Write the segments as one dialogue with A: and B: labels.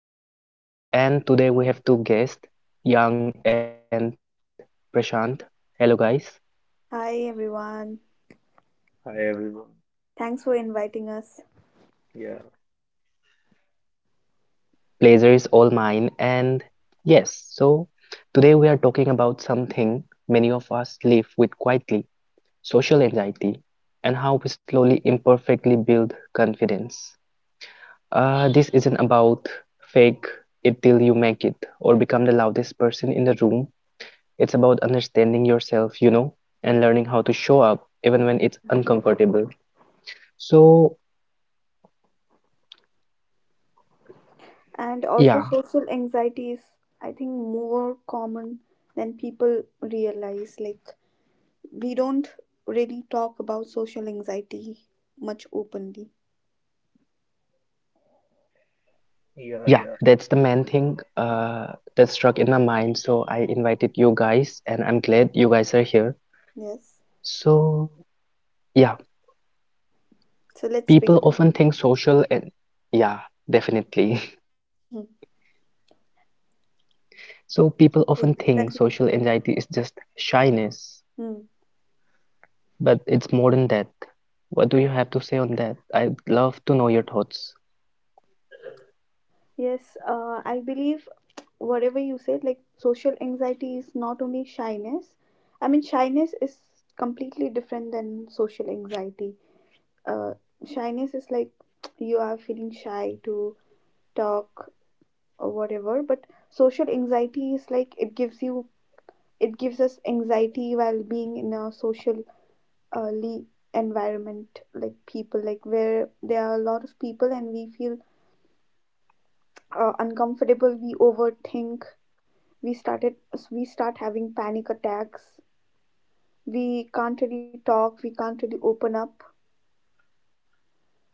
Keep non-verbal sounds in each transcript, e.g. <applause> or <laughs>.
A: I'm your host, Vish, and today we have two guests, Yang and Prashant. Hello, guys.
B: Hi everyone.
C: Hi everyone.
B: Thanks for inviting us.
C: Yeah,
A: Pleasure is all mine. And yes, so today we are talking about something many of us live with quietly social anxiety and how we slowly, imperfectly build confidence. This isn't about fake it till you make it or become the loudest person in the room. It's about understanding yourself, and learning how to show up even when it's uncomfortable. So,
B: And also
A: yeah,
B: social anxiety is, I think, more common than people realize. Like, we don't really talk about social anxiety much openly.
C: yeah,
A: yeah,
C: yeah.
A: that's the main thing that struck in my mind. So, I invited you guys, and I'm glad you guys are here.
B: Yes.
A: So, yeah,
B: So let's begin.
A: people often think social, and yeah, definitely. <laughs>
B: Hmm.
A: So, people often
B: Yes,
A: think social
B: continue.
A: anxiety is just shyness,
B: Hmm.
A: but it's more than that. What do you have to say on that? I'd love to know your thoughts.
B: Yes, I believe whatever you said, like social anxiety is not only shyness. I mean, shyness is completely different than social anxiety. uh, Shyness is like you are feeling shy to talk or whatever, but social anxiety is like it gives us anxiety while being in a social uh, le- environment, like people, like where there are a lot of people, and we feel uncomfortable. We overthink, we started we start having panic attacks, we can't really talk, we can't really open up.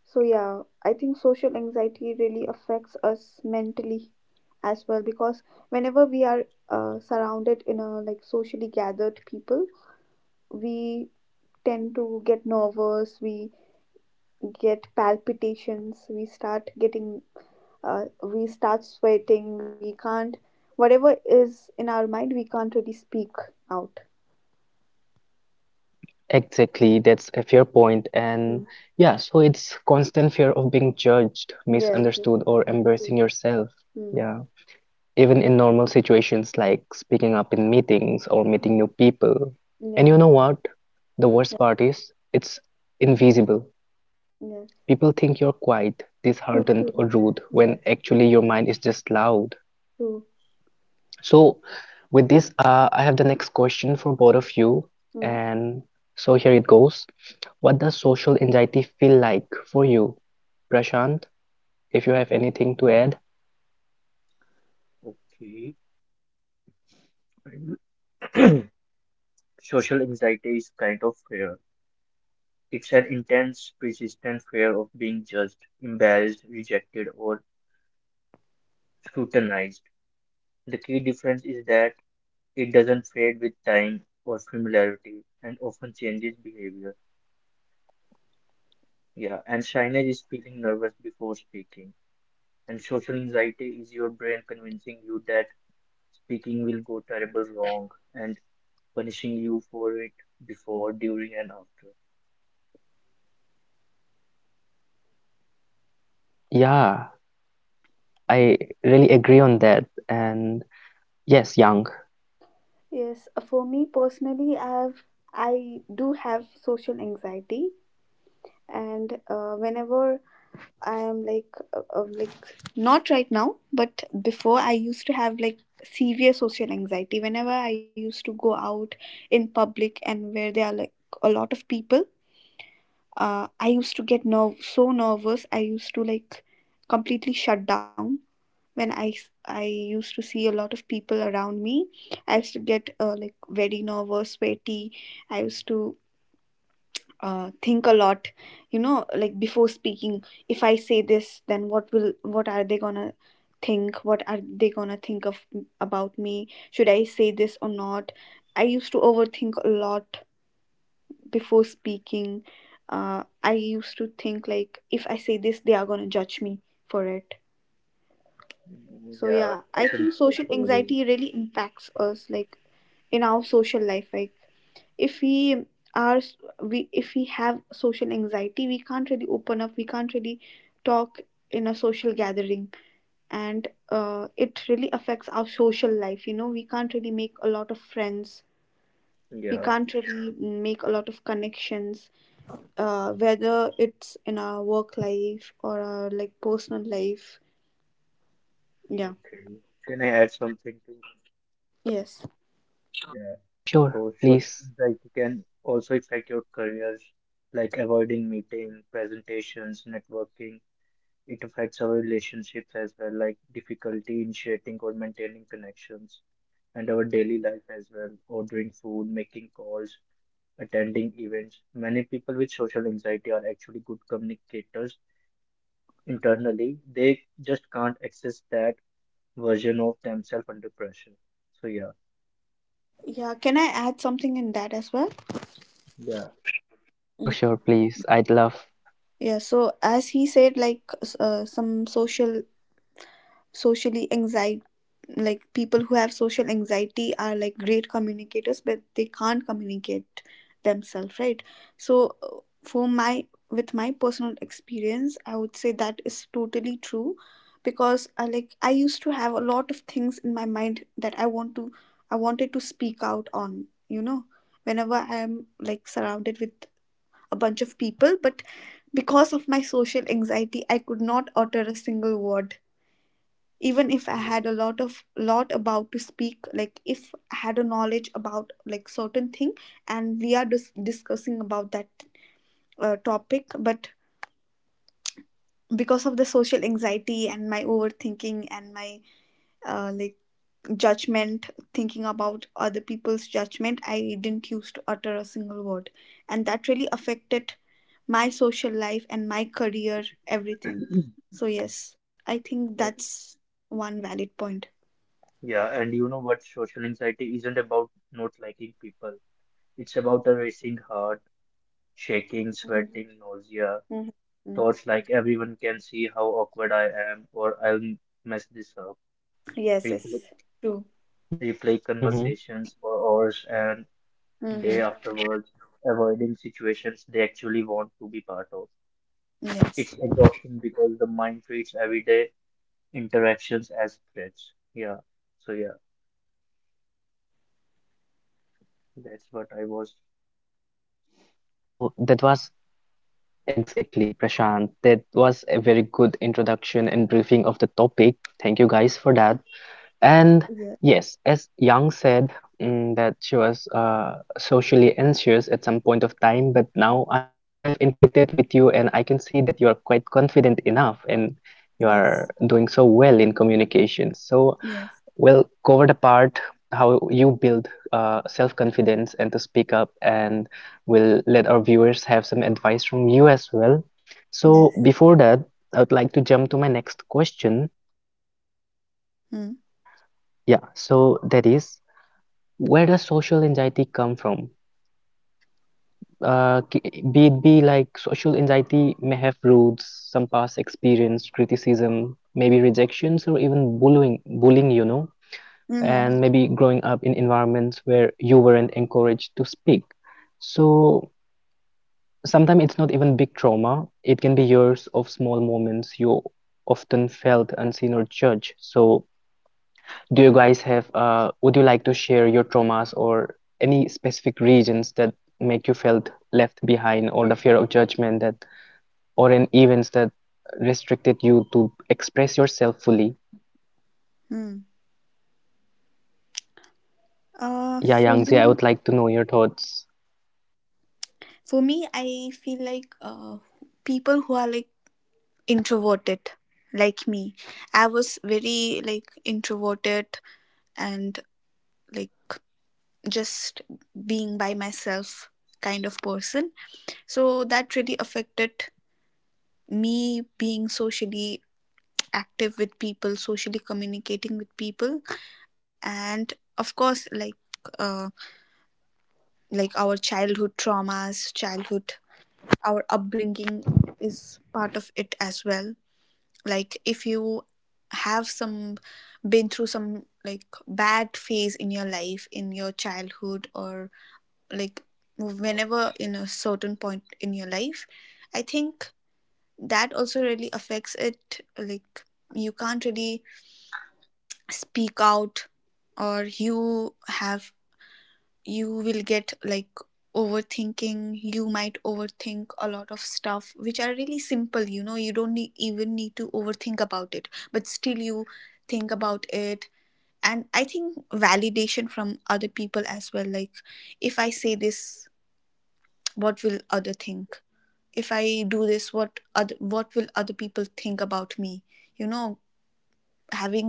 B: So yeah, I think social anxiety really affects us mentally as well, because whenever we are surrounded in a like socially gathered people, we tend to get nervous, we get palpitations, we start sweating, we can't whatever is in our mind, we can't really speak out.
A: Exactly, that's a fair point. And
B: Mm.
A: yeah, so it's constant fear of being judged,
B: Yes, yes,
A: misunderstood,
B: it's
A: or
B: true.
A: embarrassing yourself.
B: Mm.
A: Yeah. Even in normal situations like speaking up in meetings or meeting
B: Mm.
A: new people. And
B: Yeah,
A: you know what? The worst
B: yeah.
A: part is it's invisible. People
B: Yes,
A: think you're quiet, disheartened,
B: true,
A: or
B: true.
A: rude when
B: Yes,
A: actually your mind is just loud.
B: true.
A: So, with this, I have the next question for both of you.
B: Mm.
A: And so here it goes. What does social anxiety feel like for you? Prashant, if you have anything to add?
C: Okay. <clears throat> Social anxiety is kind of fear. It's an intense, persistent fear of being judged, embarrassed, rejected, or scrutinized. The key difference is that it doesn't fade with time or familiarity and often changes behavior. Yeah, and shyness is feeling nervous before speaking. And social anxiety is your brain convincing you that speaking will go terrible wrong and punishing you for it before, during, and after.
A: Yeah, I
C: Yeah.
A: really agree on that. And yes, young.
B: Yes, for me personally, I do have social anxiety. And whenever I am like like, not right now, but before I used to have like severe social anxiety. Whenever I used to go out in public and where there are like a lot of people, I used to get so nervous, I used to like completely shut down. When I used to see a lot of people around me, I used to get like very nervous, sweaty. I used to think a lot. You know, like, before speaking, if I say this, then what are they gonna think, what are they gonna think of about me, should I say this or not. I used to overthink a lot before speaking. I used to think like, if I say this they are gonna judge me for it.
C: Yeah.
B: So
C: Yeah,
B: yeah,
C: I
B: I
C: can
B: think social
C: totally agree.
B: anxiety really
A: Exactly.
B: impacts us, like, in our social life. Like, if we are if we have social anxiety, we can't really open up, we can't really talk in a social gathering. And it really affects our social life, we can't really make a lot of friends, we
C: Yeah,
B: can't really make a lot of connections, whether it's in our work life or our like personal life. Yeah.
C: okay. Can I add something to?
B: Yes.
C: Yeah.
A: Yeah, sure.
C: So
A: Please.
C: social anxiety can also affect your careers, like avoiding meeting, presentations, networking. It affects our relationships as well, like difficulty initiating or maintaining connections, and our daily life as well, ordering food, making calls, attending events. Many people with social anxiety are actually good communicators internally, they just can't access that version of themselves under pressure. So yeah.
B: Yeah, can I add something in that as well?
C: Yeah.
A: Sure, sure, please. I'd love.
B: Yeah, so, as he said, like, some socially anxiety, like, people who have social anxiety are like great communicators, but they can't communicate themselves, right? So for my with my personal experience, I would say that is totally true. Because I used to have a lot of things in my mind that I wanted to speak out on, whenever I'm like surrounded with a bunch of people, but because of my social anxiety I could not utter a single word. Even if I
C: Yeah.
B: had a lot of, lot about to speak, like, if I had a knowledge about like certain thing and we are discussing about that topic, but because of the social anxiety and my overthinking and my like judgment, thinking about other people's judgment, I didn't use to utter a single word. And that really affected my social life and my career, everything. So yes, I think
C: That-
B: that's one valid point.
C: yeah, and you know what? Social anxiety isn't about not liking people. It's about a racing heart, shaking,
B: Mhm.
C: sweating, nausea,
B: Mhm.
C: thoughts like everyone can see how awkward I am or I'll mess this up.
B: Yes, yes.
C: Replay,
B: True.
C: replay
A: Hmm.
C: conversations for hours and
B: Mm-hmm.
C: day afterwards, avoiding situations they actually want to be part of.
B: Yes.
C: It's exhausting because the mind treats everyday interactions as threats. Yeah. So yeah, that's what I was.
A: Yeah, so that was exactly, Prashant. That was a very good introduction and briefing of the topic. Thank you guys for that. And
B: Yeah.
A: yes, as Young said, that she was socially anxious at some point of time, but now I have interacted with you and I can see that you are quite confident enough and you
B: Yes.
A: are doing so well in communication. So
B: Yes.
A: we'll cover the part how you build self-confidence and to speak up, and we'll let our viewers have some advice from you as well. So
B: Yes.
A: before that, I would like to jump to my next question.
B: Mm.
A: Yeah, so that is where does social anxiety come from? Be it be like social anxiety may have roots, some past experience, criticism, maybe rejections, or even bullying, bullying,
B: Mm-hmm.
A: and maybe growing up in environments where you weren't encouraged to speak. So sometimes it's not even big trauma, it can be years of small moments you often felt unseen or judged. So do you guys have, would you like to share your traumas or any specific regions that make you felt left behind or the fear of judgment that, or in events that restricted you to express yourself fully?
B: Mm. Uh,
A: Yeah,
B: for
A: Yangzi, I
B: me,
A: would like to know your thoughts.
B: for me, I feel like people who are like introverted, like me. I was very like introverted and like just being by myself kind of person. So that really affected me being socially active with people, socially communicating with people. And of course, like, uh, like, our childhood traumas, childhood our upbringing is part of it as well. Like, if you have some been through some like bad phase in your life, in your childhood, or like whenever in a certain point in your life, I think that also really affects it. Like, you can't really speak out, or you will get like overthinking, you might overthink a lot of stuff which are really simple. You know, you don't need, even need to overthink about it, but still you think about it. And I think validation from other people as well. Like, if I say this, what will other think, if I do this, what will other people think about me, you know having,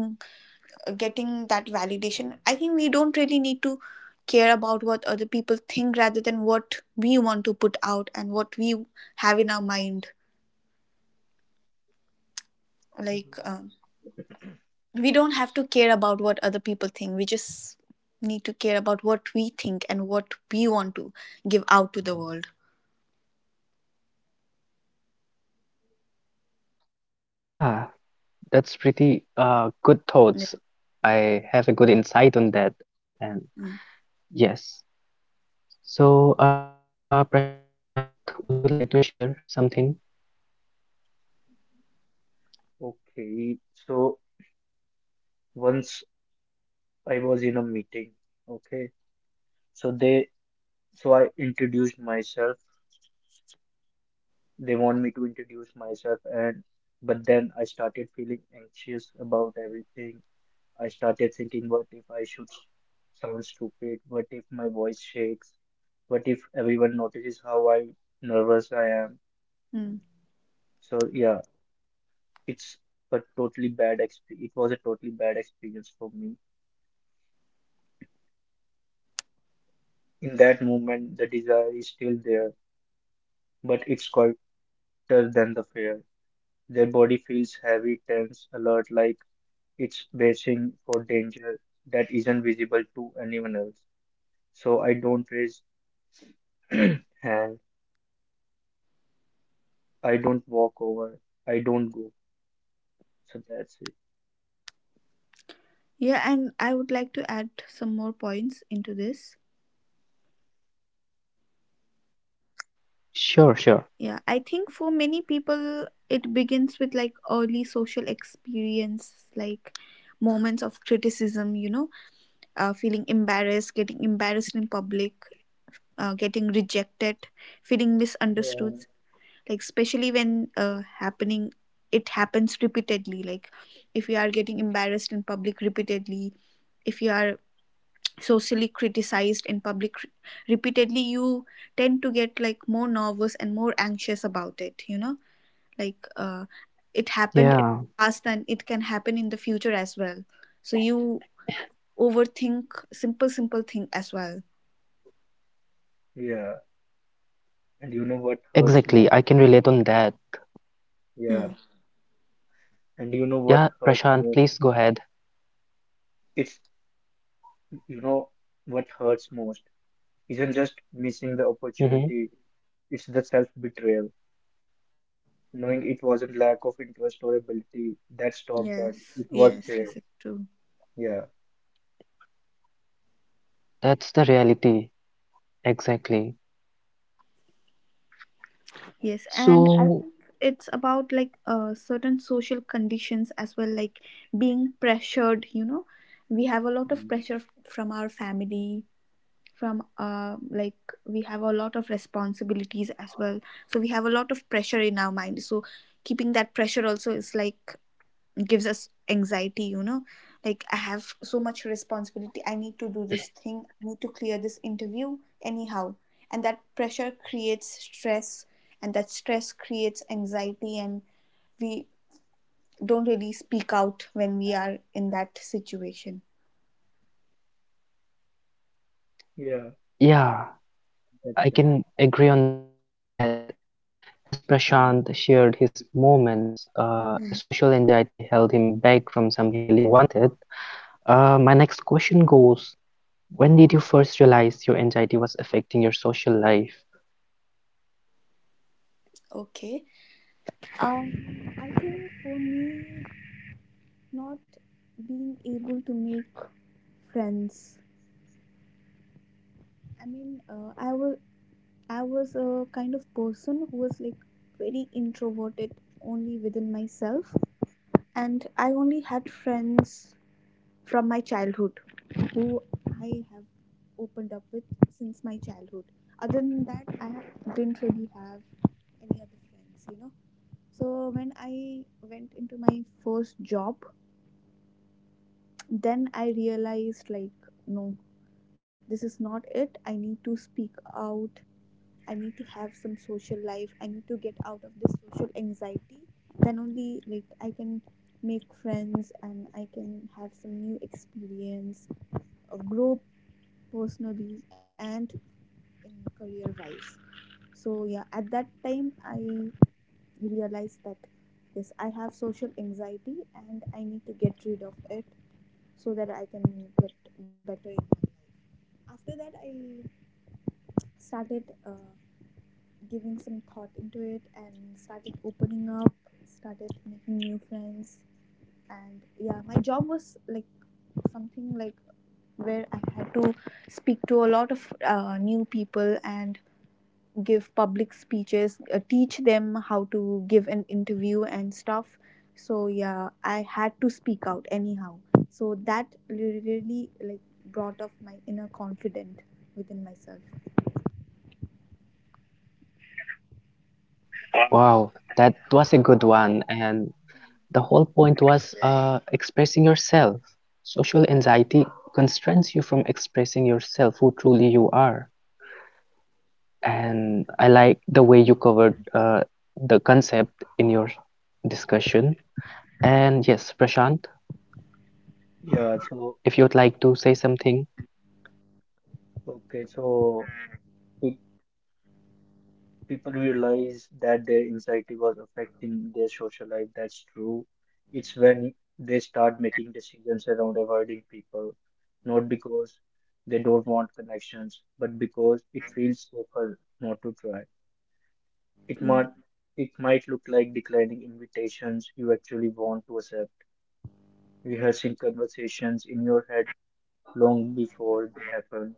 B: getting that validation. I think we don't really need to care about what other people think, rather than what we want to put out and what we have in our mind. Like, we don't have to care about what other people think, we just need to care about what we think and what we want to give out to the world.
A: Yeah, that's pretty good
B: Like,
A: thoughts. I have a good insight on that and
B: mm,
A: yes. So, Prashant, would you like to share something?
C: Okay. So once I was in a meeting. Okay. So they, so I introduced myself. They want me to introduce myself but then I started feeling anxious about everything. I started thinking, what if I should sound stupid? What if my voice shakes? What if everyone notices how I nervous I am?
B: mm.
C: So yeah, it's it was a totally bad experience for me. In that moment, the desire is still there, but it's quieter than the fear. Their body feels heavy, tense, alert, like it's bracing for danger that isn't visible to anyone else. So I don't raise <clears throat> hand, I don't walk over, I don't go. So that's it.
B: Yeah, and I would like to add some more points into this.
A: Sure, sure.
B: Yeah, I think for many people, it begins with like early social experience, like moments of criticism, you know, feeling embarrassed, getting embarrassed in public, getting rejected, feeling misunderstood,
C: Yeah.
B: like, especially when happening it happens repeatedly. Like, if you are getting embarrassed in public repeatedly, if you are socially criticized in public repeatedly, you tend to get like more nervous and more anxious about it. You know, like, it happened
A: Yeah,
B: in the past and it can happen in the future as well. So you overthink simple simple thing as well.
C: Yeah. And you know what hurts
A: exactly.
C: more?
A: I can relate on that.
B: Hmm.
C: Yeah. And you know what
A: Yeah,
C: hurt
A: Prashant,
C: more?
A: please go ahead.
C: It's You know what hurts most isn't just missing the
A: Hmm.
C: opportunity, it's the self-betrayal, knowing it wasn't lack of interest or ability that stopped them.
B: Yes,
C: It was
B: yes. Yes,
C: there.
B: is true.
C: Yeah.
A: That's the reality, exactly. So,
B: Yes, and I think it's about like, certain social conditions as well, like being pressured. You know, we have a lot of
C: Mm.
B: pressure from our family, from like, we have a lot of responsibilities as well, so we have a lot of pressure in our mind. So keeping that pressure also is like gives us anxiety. You know, like, I have so much responsibility, I need to do this thing, I need to clear this interview anyhow. And that pressure creates stress, and that stress creates anxiety, and we don't really speak out when we are in that situation.
C: Yeah,
A: yeah, I can
C: that's right.
A: agree on that. And as Prashant shared his
C: Mm.
A: moments, a social anxiety held him
B: Hmm.
A: back from something he really wanted. My next question goes, when did you first realize your anxiety was affecting your social life?
B: Okay, I think for me, not being able to make friends. I mean, I was a kind of person who was like very introverted, only within myself, and I only had friends from my childhood who I have opened up with since my childhood. Other than that, I didn't really have any other friends. So when I went into my first job, then I realized like, no, this is not it. I need to speak out. I need to have some social life. I need to get out of this social anxiety. Then only, like, I can make friends and I can have some new experience, grow personally and in career wise. So yeah, at that time I realized that yes, I have social anxiety and I need to get rid of it, so that I can get better in life. After that, I started giving some thought into it and started opening up, started making new friends. And yeah, my job was like something like where I had to speak to a lot of new people and give public speeches, teach them how to give an interview and stuff. So yeah, I had to speak out anyhow. So that really really, like, brought up my inner confidence within myself.
A: Wow, that was a good one. And the whole point was expressing yourself. Social anxiety constrains you from expressing yourself, who truly you are. And I like the way you covered the concept in your discussion. And yes, Prashant,
C: Yeah, so
A: if you'd like to say something.
C: okay. So it. people realize that their anxiety was affecting their social life. That's true. It's when they start making decisions around avoiding people, not because they don't want connections, but because it feels safer not to try. It
B: Mm,
C: might it might look like declining invitations you actually want to accept, rehearsing conversations in your head long before they happen,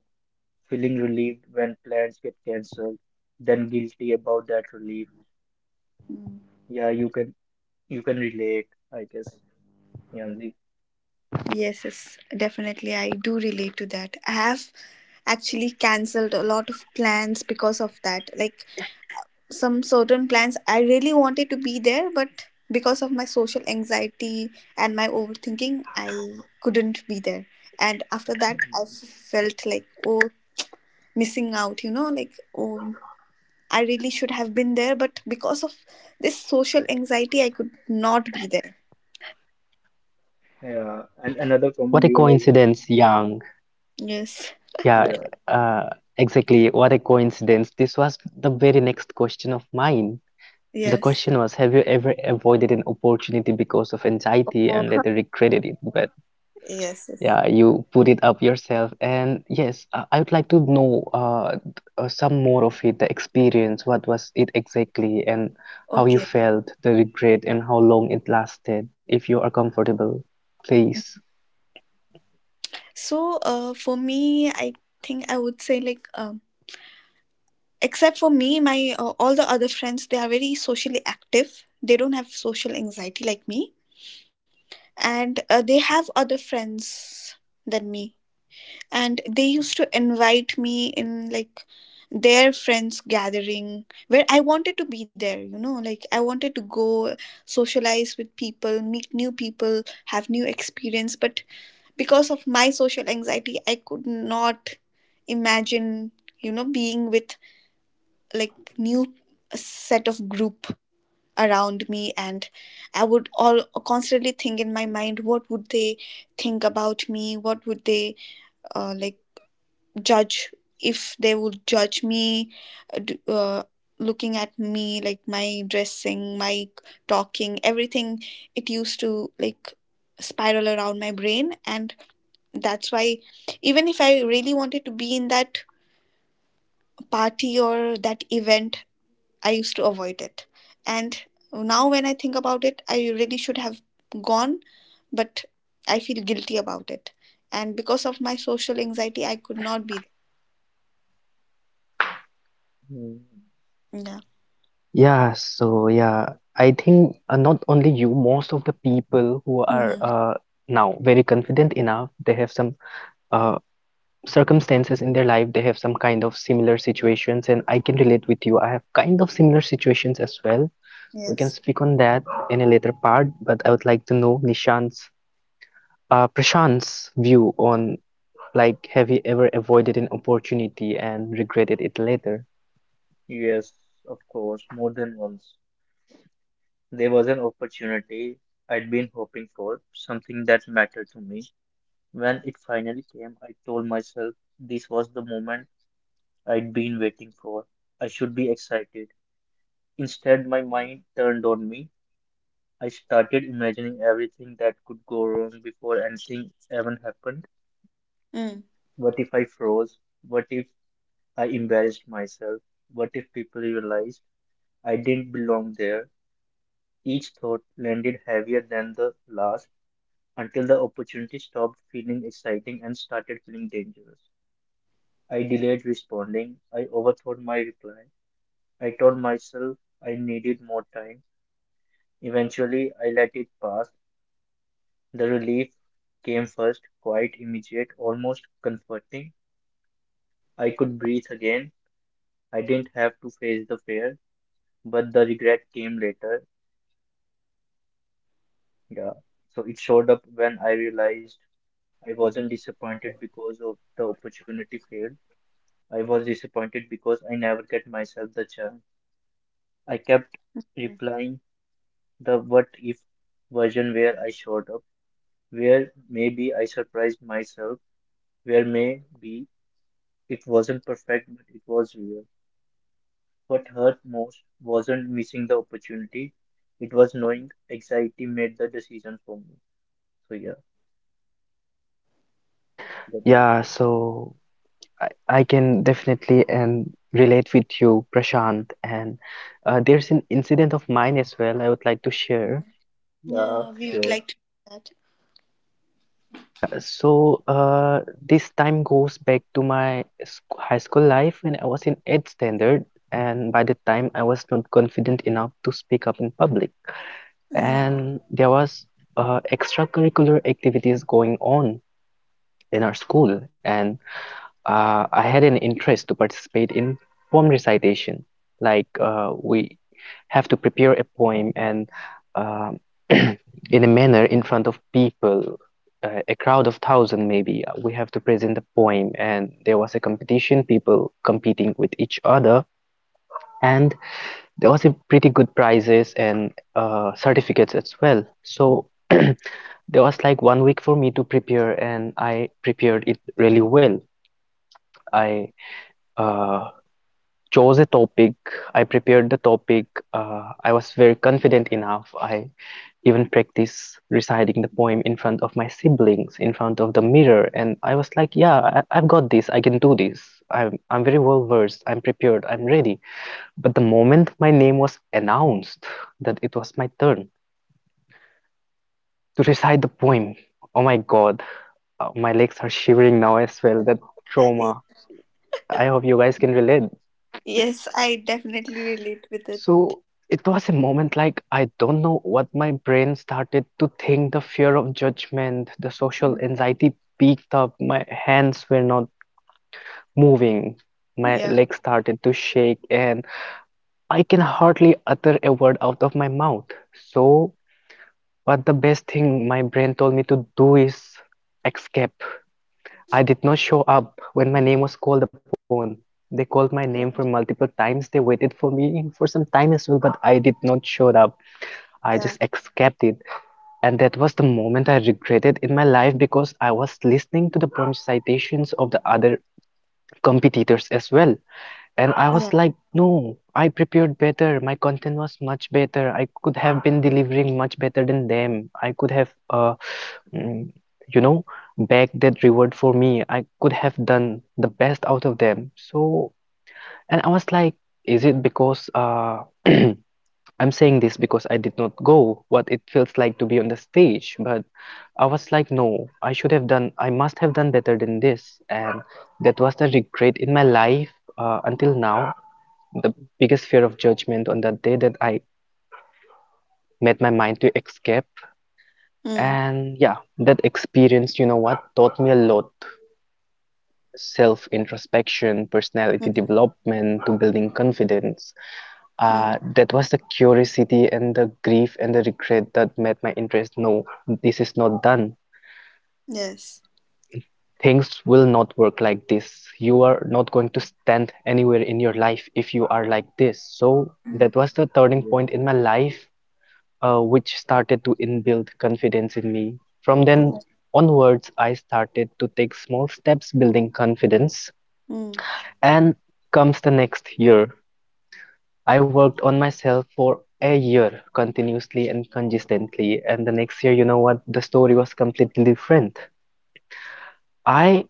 C: feeling relieved when plans get cancelled, then guilty about that relief.
B: mm.
C: Yeah, you can relate, I guess, Yanzi.
B: Yes, yes, definitely. I do relate to that. I have actually cancelled a lot of plans because of that. Like, some certain plans, I really wanted to be there, but because of my social anxiety and my overthinking, I couldn't be there. And after that, I
C: Mm.
B: felt like, oh, missing out, like, oh, I really should have been there, but because of this social anxiety, I could not be there.
C: Yeah, and another
A: What
C: common
A: a
C: realization.
A: coincidence, Yang.
B: Yes,
A: Yeah,
C: Yeah,
A: uh, exactly. What a coincidence. This was the very next question of mine. The
B: yes.
A: question was, have you ever avoided an opportunity because of anxiety and
B: Oh,
A: later regretted it? But
B: <laughs> yes, yes.
A: yeah, you put it up yourself. And yes, I would like to know some more of it, the experience. What was it exactly, and how you
B: Okay.
A: felt, the regret, and how long it lasted, if you are comfortable, please.
B: So, for me, I think I would say like, except for me, my all the other friends, they are very socially active. They don't have social anxiety like me, and they have other friends than me. And they used to invite me in like their friends gathering where I wanted to be there. You know, like I wanted to go socialize with people, meet new people, have new experience, but because of my social anxiety, I could not imagine, you know, being with like new set of group around me. And I would all constantly think in my mind, what would they think about me, what would they like judge, if they would judge me, uh, d- uh, looking at me, like my dressing, my talking, everything. It used to like spiral around my brain, and that's why even if I really wanted to be in that party or that event, I used to avoid it. And now when I think about it, I really should have gone, but I feel guilty about it. And because of my social anxiety I could not be
C: mm,
B: there. Yeah.
A: Yeah, so yeah, I think not only you, most of the people who
B: Mm-hmm.
A: are now very confident enough, they have some. uh. Circumstances in their life, they have some kind of similar situations, and I can relate with you. I have kind of similar situations as well. We can
B: Yes.
A: speak on that in a later part, but I would like to know nishan's Prashant's view on like, have you ever avoided an opportunity and regretted it later?
C: yes, of course, more than once. There was an opportunity I'd been hoping for, something that mattered to me. When it finally came, I told myself this was the moment I'd been waiting for. I should be excited. Instead, my mind turned on me. I started imagining everything that could go wrong before anything even happened.
B: Mm.
C: What if I froze? What if I embarrassed myself? What if people realized I didn't belong there? Each thought landed heavier than the last until the opportunity stopped feeling exciting and started feeling dangerous. I delayed responding. I overthought my reply. I told myself I needed more time. Eventually, I let it pass. The relief came first, quite immediate, almost comforting. I could breathe again. I didn't have to face the fear, but the regret came later. Yeah. So it showed up when I realized I wasn't disappointed because of the opportunity failed. I was disappointed because I never get myself the chance. I kept replying the what if version where I showed up, where maybe I surprised myself, where maybe it wasn't perfect but it was real. What hurt most wasn't missing the opportunity, it was knowing anxiety made the decision for me. So yeah. that was.
A: Yeah,
C: My
A: so I can definitely and relate with you, Prashant, and there's an incident of mine as well I would like to share.
B: Yeah,
C: Yeah,
B: we would like to do
C: sure.
B: that.
A: Yeah, so this time goes back to my high school life when I was in 8th standard, and by the time I was not confident enough to speak up in public.
B: Hmm.
A: And there was extracurricular activities going on in our school, and I had an interest to participate in poem recitation. Like we have to prepare a poem and um <clears throat> in a manner in front of people, a crowd of thousand maybe. We have to present a poem, and there was a competition, people competing with each other, and there was a pretty good prizes and certificates as well. So. <clears throat> There was like one week for me to prepare, and I prepared it really well. I uh, chose a topic, I prepared the topic, I was very confident enough. I even practiced reciting the poem in front of my siblings, in front of the mirror, and I was like, yeah, I've got this, I can do this. I'm very well versed, I'm prepared, I'm ready. But the moment my name was announced that it was my turn to recite the poem, oh my God, my legs are shivering now as well, that trauma. I hope you guys can relate.
B: Yes, I definitely relate with it.
A: So it was a moment like I don't know what my brain started to think. The fear of judgment, the
B: Mm.
A: social anxiety peaked up. My hands were not moving. My
B: Yeah,
A: legs started to shake, and I can hardly utter a word out of my mouth. So, what the best thing my brain told me to do is escape. I did not show up when my name was called upon. They called my name for multiple times. They waited for me for some time as well, but I did not show up. I
B: yeah,
A: just escaped it. And that was the moment I regretted in my life because I was listening to the prompt citations of the other competitors as well. And
B: yeah.
A: I was like, no, I prepared better. My content was much better. I could have been delivering much better than them. I could have, mm, you know, bagged that reward for me. I could have done the best out of them. So, and I was like, is it because <clears throat> I'm saying this because I did not go what it feels like to be on the stage, but I was like, no, I should have done, I must have done better than this. And that was the regret in my life until now, the biggest fear of judgment on that day that I made my mind to escape.
B: Mm.
A: And yeah, that experience, you know what, taught me a lot self introspection,
B: Mm-hmm.
A: personality development, to building confidence.
B: Mm.
A: That was the curiosity and the grief and the regret that made my interest. No, this is not done.
B: Yes.
A: Things will not work like this. You are not going to stand anywhere in your life if you are like this. So that was the
C: Yeah,
A: turning point in my life, which started to inbuild confidence in me. From
B: Yes.
A: then onwards, I started to take small steps building confidence.
B: Mm.
A: And comes the next year. I worked on myself for a year continuously and consistently, and the next year, you know what, the story was completely different. I,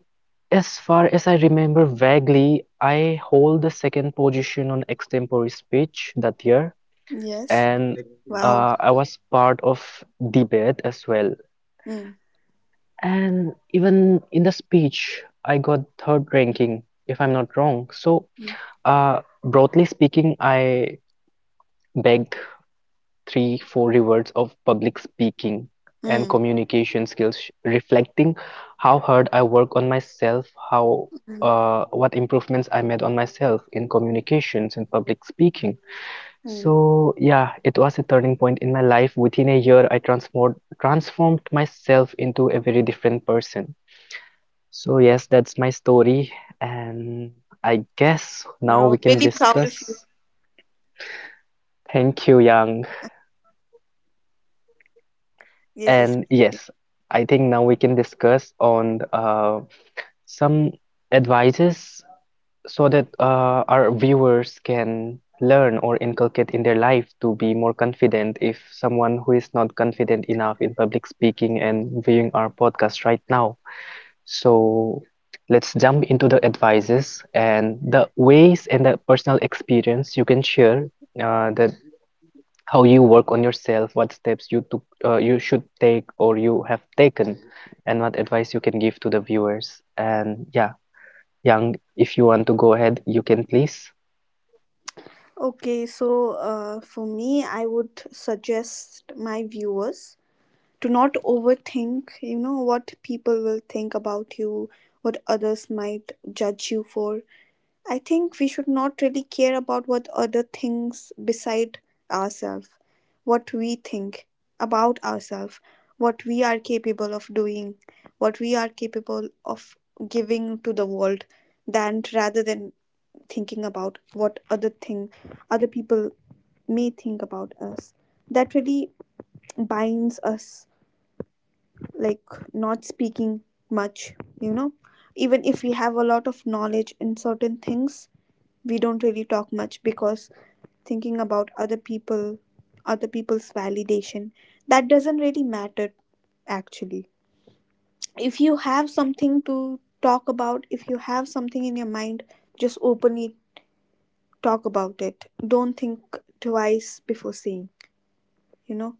A: as far as I remember vaguely, I hold the second position on extempore speech that year,
B: Yes.
A: and
C: excellent.
B: Wow.
A: I was part of debate as well.
B: Mm.
A: And even in the speech, I got third ranking, if I'm not wrong. So,
B: Mm.
A: uh, broadly speaking, I begged three, four rewards of public speaking and
B: Mm.
A: communication skills, reflecting how hard I work on myself, how
B: Mm.
A: what improvements I made on myself in communications and public speaking.
B: Mm.
A: So yeah, it was a turning point in my life. Within a year, I transformed myself into a very different person. So yes, that's my story, and I guess now we
B: Wow.
A: can
B: Really proud of you.
A: discuss. Thank you, Yang.
B: Yes, yes.
A: And yes, I think now we can discuss on some advices so that our viewers can learn or inculcate in their life to be more confident if someone who is not confident enough in public speaking and viewing our podcast right now. So let's jump into the advices and the ways and the personal experience you can share that how you work on yourself, what steps you took, you should take or you have taken, and what advice you can give to the viewers. And yeah, Yang, if you want to go ahead, you can please.
B: Okay, so for me, I would suggest my viewers to not overthink, you know, what people will think about you, what others might judge you for. I think we should not really care about what other things beside ourselves, what we think about ourselves, what we are capable of doing, what we are capable of giving to the world, than rather than thinking about what other thing other people may think about us. That really binds us, like not speaking much, you know. Even if we have a lot of knowledge in certain things, we don't really talk much because thinking about other people, other people's validation, that doesn't really matter actually. If you have something to talk about, if you have something in your mind, just openly talk about it. Don't think twice before saying, you know?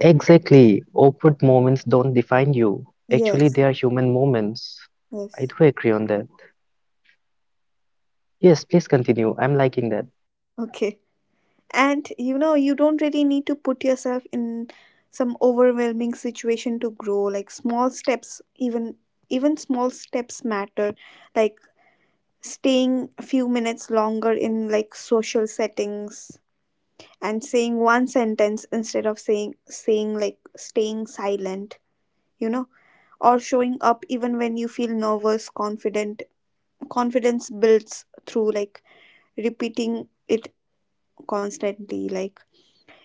A: Exactly. Awkward moments don't define you. Actually,
B: Yes,
A: they are human moments. I
B: yes.
A: do agree on that. Yes, please continue. I'm liking that.
B: Okay. And you know, you don't really need to put yourself in some overwhelming situation to grow. Like small steps, even small steps matter. Like staying a few minutes longer in like social settings, and saying one sentence instead of saying like staying silent, you know, or showing up even when you feel nervous. Confident Confidence builds through like repeating it constantly. Like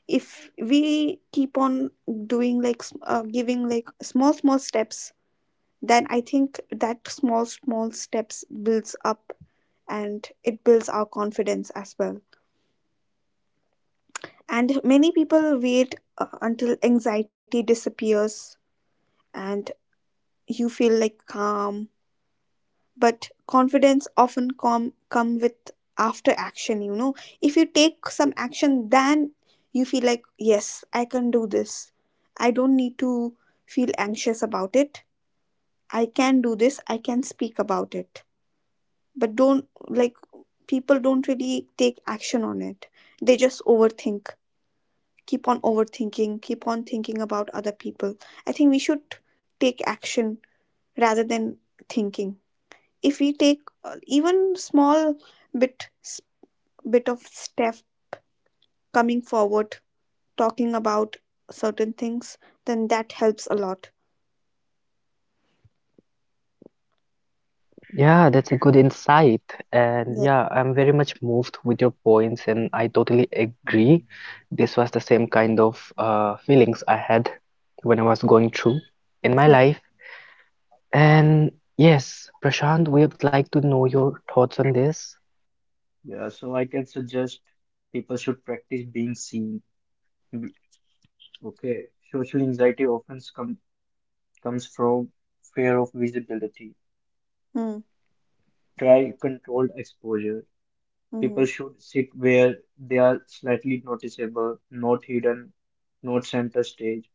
B: if we keep on doing like giving like small small steps, then I think that small small steps builds up, and it builds our confidence as well. And many people wait until anxiety disappears and you feel like calm. But confidence often come with after action, you know. If you take some action, then you feel like, yes, I can do this. I don't need to feel anxious about it. I can do this. I can speak about it. But don't like, people don't really take action on it. They just overthink, keep on overthinking, keep on thinking about other people. I think we should take action rather than thinking. If we take even small bit bit of step, coming forward, talking about certain things, then that helps a lot.
A: Yeah, that's a good insight.
B: Yeah.
A: And yeah, I'm very much moved with your points, and I totally
C: Yeah.
A: agree. This was the same kind of feelings I had when I was going through in my
B: Yeah.
A: life. And yes, Prashant, we would like to know your thoughts on this.
C: Yeah, so I can suggest people should practice being seen. Mm. Okay, social anxiety often comes from fear of visibility.
B: Mm,
C: Try controlled exposure. People
B: mm,
C: should sit where they are slightly noticeable, not hidden, not center stage.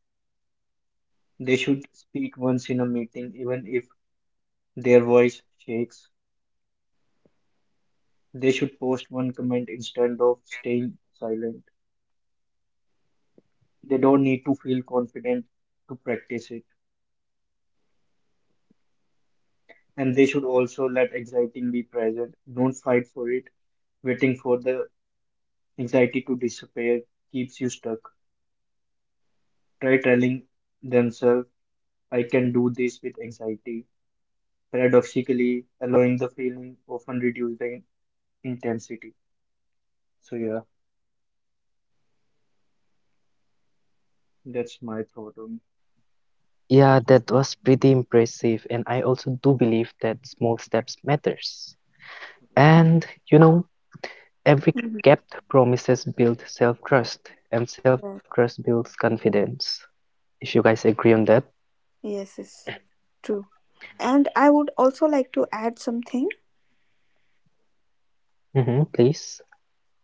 C: They should speak once in a meeting, even if their voice shakes. They should post one comment instead of staying silent. They don't need to feel confident to practice it. And they should also let anxiety be present. Don't fight for it. Waiting for the anxiety to disappear keeps you stuck. Try telling themselves, I can do this with anxiety. Paradoxically, allowing the feeling often reduces the intensity. So, yeah, that's my thought on the
A: Yeah, that
C: question.
A: was
C: Mm.
A: pretty impressive, and I also do believe that small steps matters. And you know, every
B: mm,
A: kept promises build self-trust, and
B: yeah.
A: self-trust builds confidence. If you guys agree on that.
B: Yes, yes, true. And I would also like to add something.
A: Hmm, please.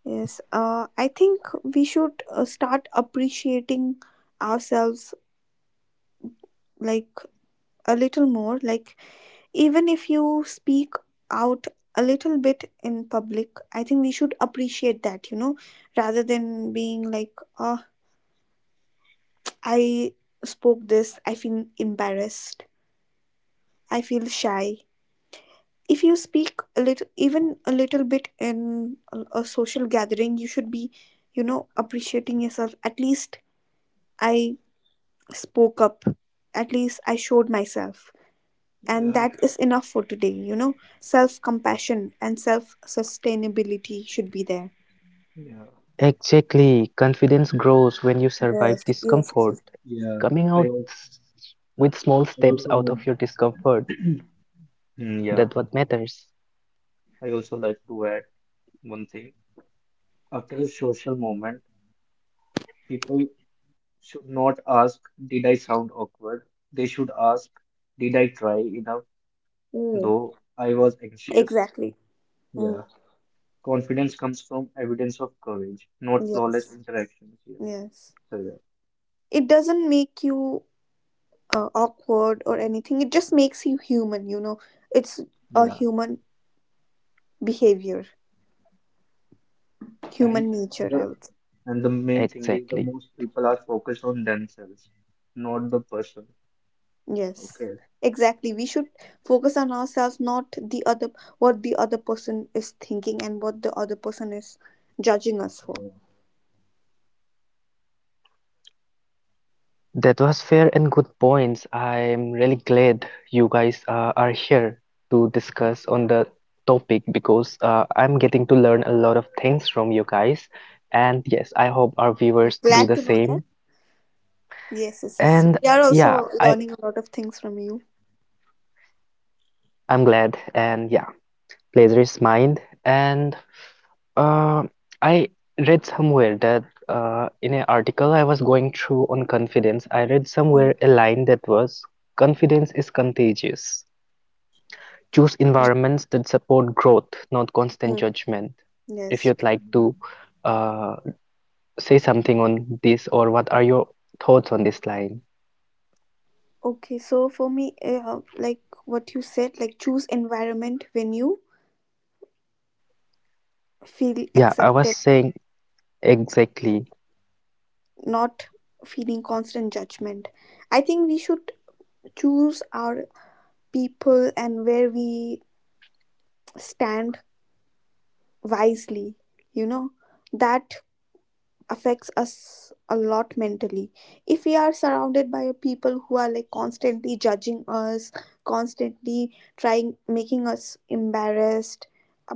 B: Yes, I think we should start appreciating ourselves like a little more, like even if you speak out a little bit in public, I think we should appreciate that, you know, rather than being like, oh, I spoke this, I feel embarrassed, I feel shy. If you speak a little, even a little bit in a social gathering, you should be, you know, appreciating yourself. At least I spoke up, at least I showed myself. And
C: Yeah,
B: that is enough for today, you know. Self compassion and self sustainability should be there.
C: yeah.
A: Exactly. Confidence grows when you survive
B: Yes, yes, yes,
A: discomfort.
B: yes.
C: Yeah.
A: Coming
C: I
A: out
C: also,
A: s- with small
C: I
A: steps
C: also
A: out
C: want.
A: of your discomfort,
C: <clears throat> Mm, yeah.
A: that what matters.
C: I also like to add one thing. After a social moment, people should not ask, did I sound awkward? They should ask, did I try enough?
B: Mm.
C: Though I was anxious.
B: Exactly. Mm.
C: Yeah. Confidence comes from evidence of courage, not flawless
B: Yes,
C: interactions here.
B: yes.
C: So yeah.
B: It doesn't make you awkward or anything. It just makes you human, you know. It's a
C: Yeah.
B: human behavior, human
C: And
B: nature, I
C: the
B: would say.
C: and the main thing is
A: Exactly.
C: the most people are focused on themselves, not the person.
B: Yes,
C: Okay.
B: exactly. We should focus on ourselves, not the other, what the other person is thinking and what the other person is judging us for.
C: Yeah.
A: That was fair and good points. I'm really glad you guys are here to discuss on the topic because I'm getting to learn a lot of things from you guys. And yes, I hope our viewers do
B: Glad
A: the
B: to know that.
A: same.
B: Yes, yes, yes.
A: And
B: We are
A: yeah,
B: also
A: I
B: learning a lot of things from you.
A: I'm glad. And yeah. Plagiarist mind and uh, I read somewhere that in an article I was going through on confidence I read somewhere
B: Mm.
A: a line that was confidence is contagious, choose
B: Yeah.
A: environments that support growth, not constant
B: Mm.
A: judgment. If you'd
B: Yes.
A: like
C: Um,
A: to uh, say something on this or what are your thoughts on this line?
B: Okay, so for me, like what you said, like choose environment when you feel
A: Yeah, I was
B: accepted,
A: saying exactly.
B: not feeling constant judgment. I think we should choose our people and where we stand wisely, you know. That affects us a lot mentally. If we are surrounded by people who are like constantly judging us, constantly trying making us embarrassed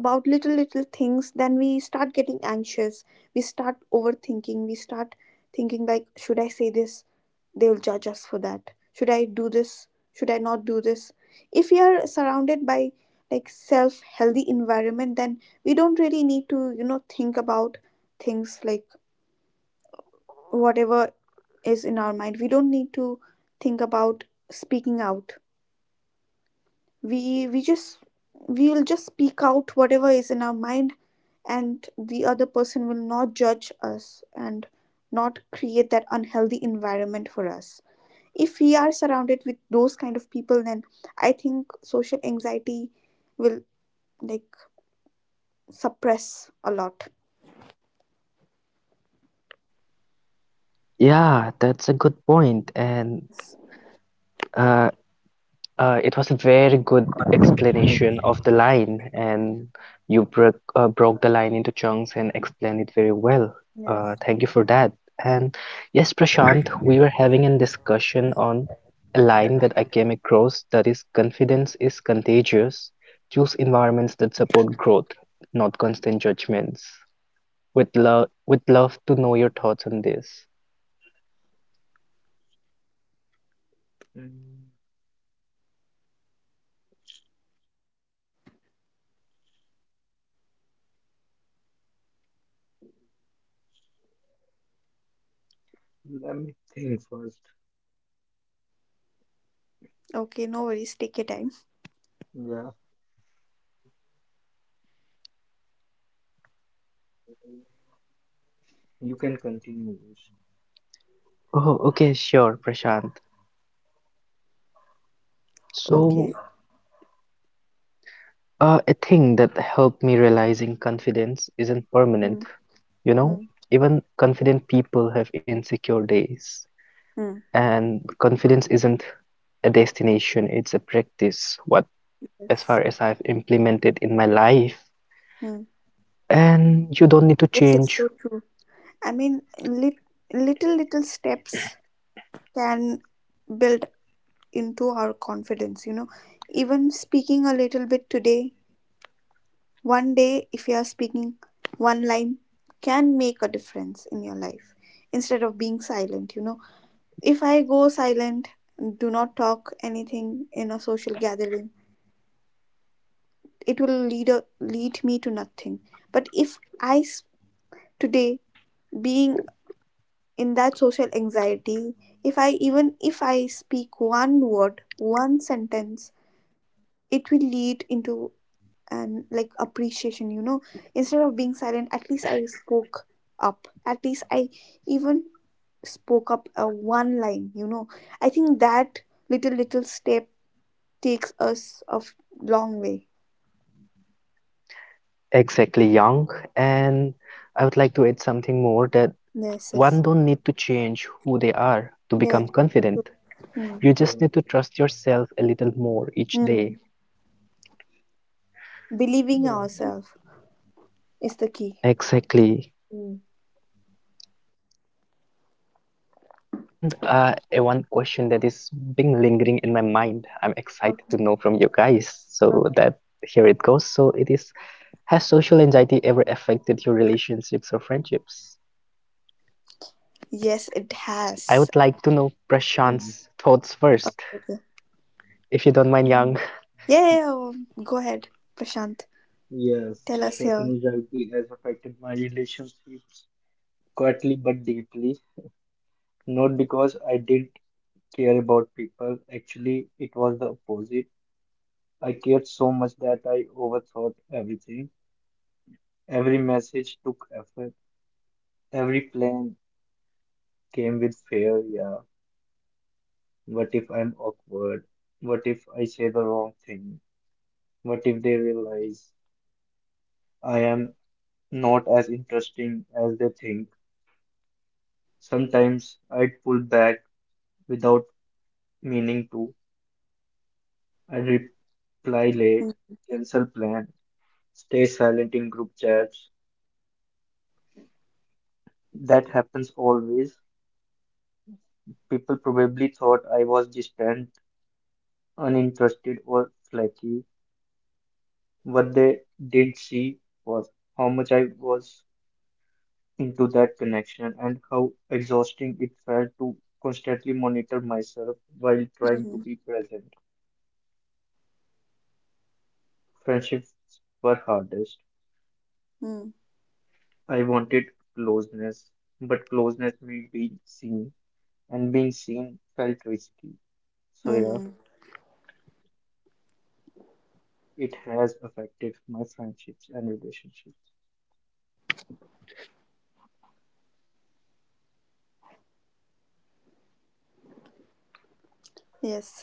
B: about little little things, then we start getting anxious, we start overthinking, we start thinking like, should I say this, they will judge us for that, should I do this, should I not do this. If we are surrounded by like self healthy environment, then we don't really need to, you know, think about things like whatever is in our mind. We don't need to think about speaking out. We just we will just speak out whatever is in our mind, and the other person will not judge us and not create that unhealthy environment for us. If we are surrounded with those kind of people, then I think social anxiety will like suppress a lot.
A: Yeah, that's a good point. And uh, it was a very good explanation of the line, and you broke broke the line into chunks and explained it very well.
B: Yes.
A: Thank you for that. And yes, Prashant, we were having a discussion on a line that I came across that is confidence is contagious. Choose environments that support growth, not constant judgments. With love to know your thoughts on this.
C: Mm, Let me think first.
B: Okay, no worries, take your time.
C: Yeah, you can continue, Vish.
A: Oh, okay, sure, Prashant.
B: Okay.
A: So, a thing that helped me realizing confidence isn't
B: Hmm.
A: permanent. You
B: Hmm.
A: know, even confident people have insecure days,
B: Mm.
A: and confidence isn't a destination, it's a practice. What,
B: Yes.
A: as far as I've implemented in my life,
B: Hmm.
A: and you don't need to
B: Yes, it's so
A: change
B: true. I mean, little, little steps can build into our confidence, you know. Even speaking a little bit today, one day, if you are speaking one line, can make a difference in your life instead of being silent, you know. If I go silent, do not talk anything in a social gathering, it will lead, a, lead me to nothing. But if today, being in that social anxiety, if I, even if I speak one word, one sentence, it will lead into an like appreciation, you know. Instead of being silent, at least I spoke up, at least I even spoke up a one line, you know. I think that little little step takes us long way.
A: exactly young. And I would like to add something more that one
B: Yes,
A: don't need to
B: yes,
A: change who they are to become
B: yes.
A: confident. You
B: Mm.
A: just need to
C: Yeah,
A: trust yourself a little more each day.
B: Mm. Believing
C: yeah,
B: ourselves is the key.
A: Exactly.
B: Mm.
A: And a one question that is being lingering in my mind, I'm excited to know from you guys.
B: Okay.
A: So that here it
B: Okay.
A: goes. So it is, has social anxiety ever affected your relationships or friendships?
B: Yes, it
A: I would like to
B: has.
A: know Prashant's
C: yeah.
A: thoughts first,
B: Okay.
A: if you don't mind, Yang. <laughs>
C: mm,
B: Yeah, yeah, yeah, go ahead, Prashant. Tell
C: Yes,
B: us here.
C: certain anxiety has affected my relationships quietly but deeply. Not because I didn't care about people. Actually, it was the opposite. I cared so much that I overthought everything. Every message took effort. Every plan came with fear. Yeah. What if I'm awkward? What if I say the wrong thing? What if they realize I am not as interesting as they think? Sometimes I'd pull back without meaning to. I'd reply late, cancel plan, stay silent in group chats. That happens always. People probably thought I was distant, uninterested, or flaky. What they didn't see was how much I was into that connection and how exhausting it felt to constantly monitor myself while trying to
B: Mm-hmm.
C: be present. Friendships were hardest. I wanted closeness, but closeness meant being seen, and being seen felt risky. So, yeah,
B: Mm-hmm.
C: it has affected my friendships and relationships.
B: Yes.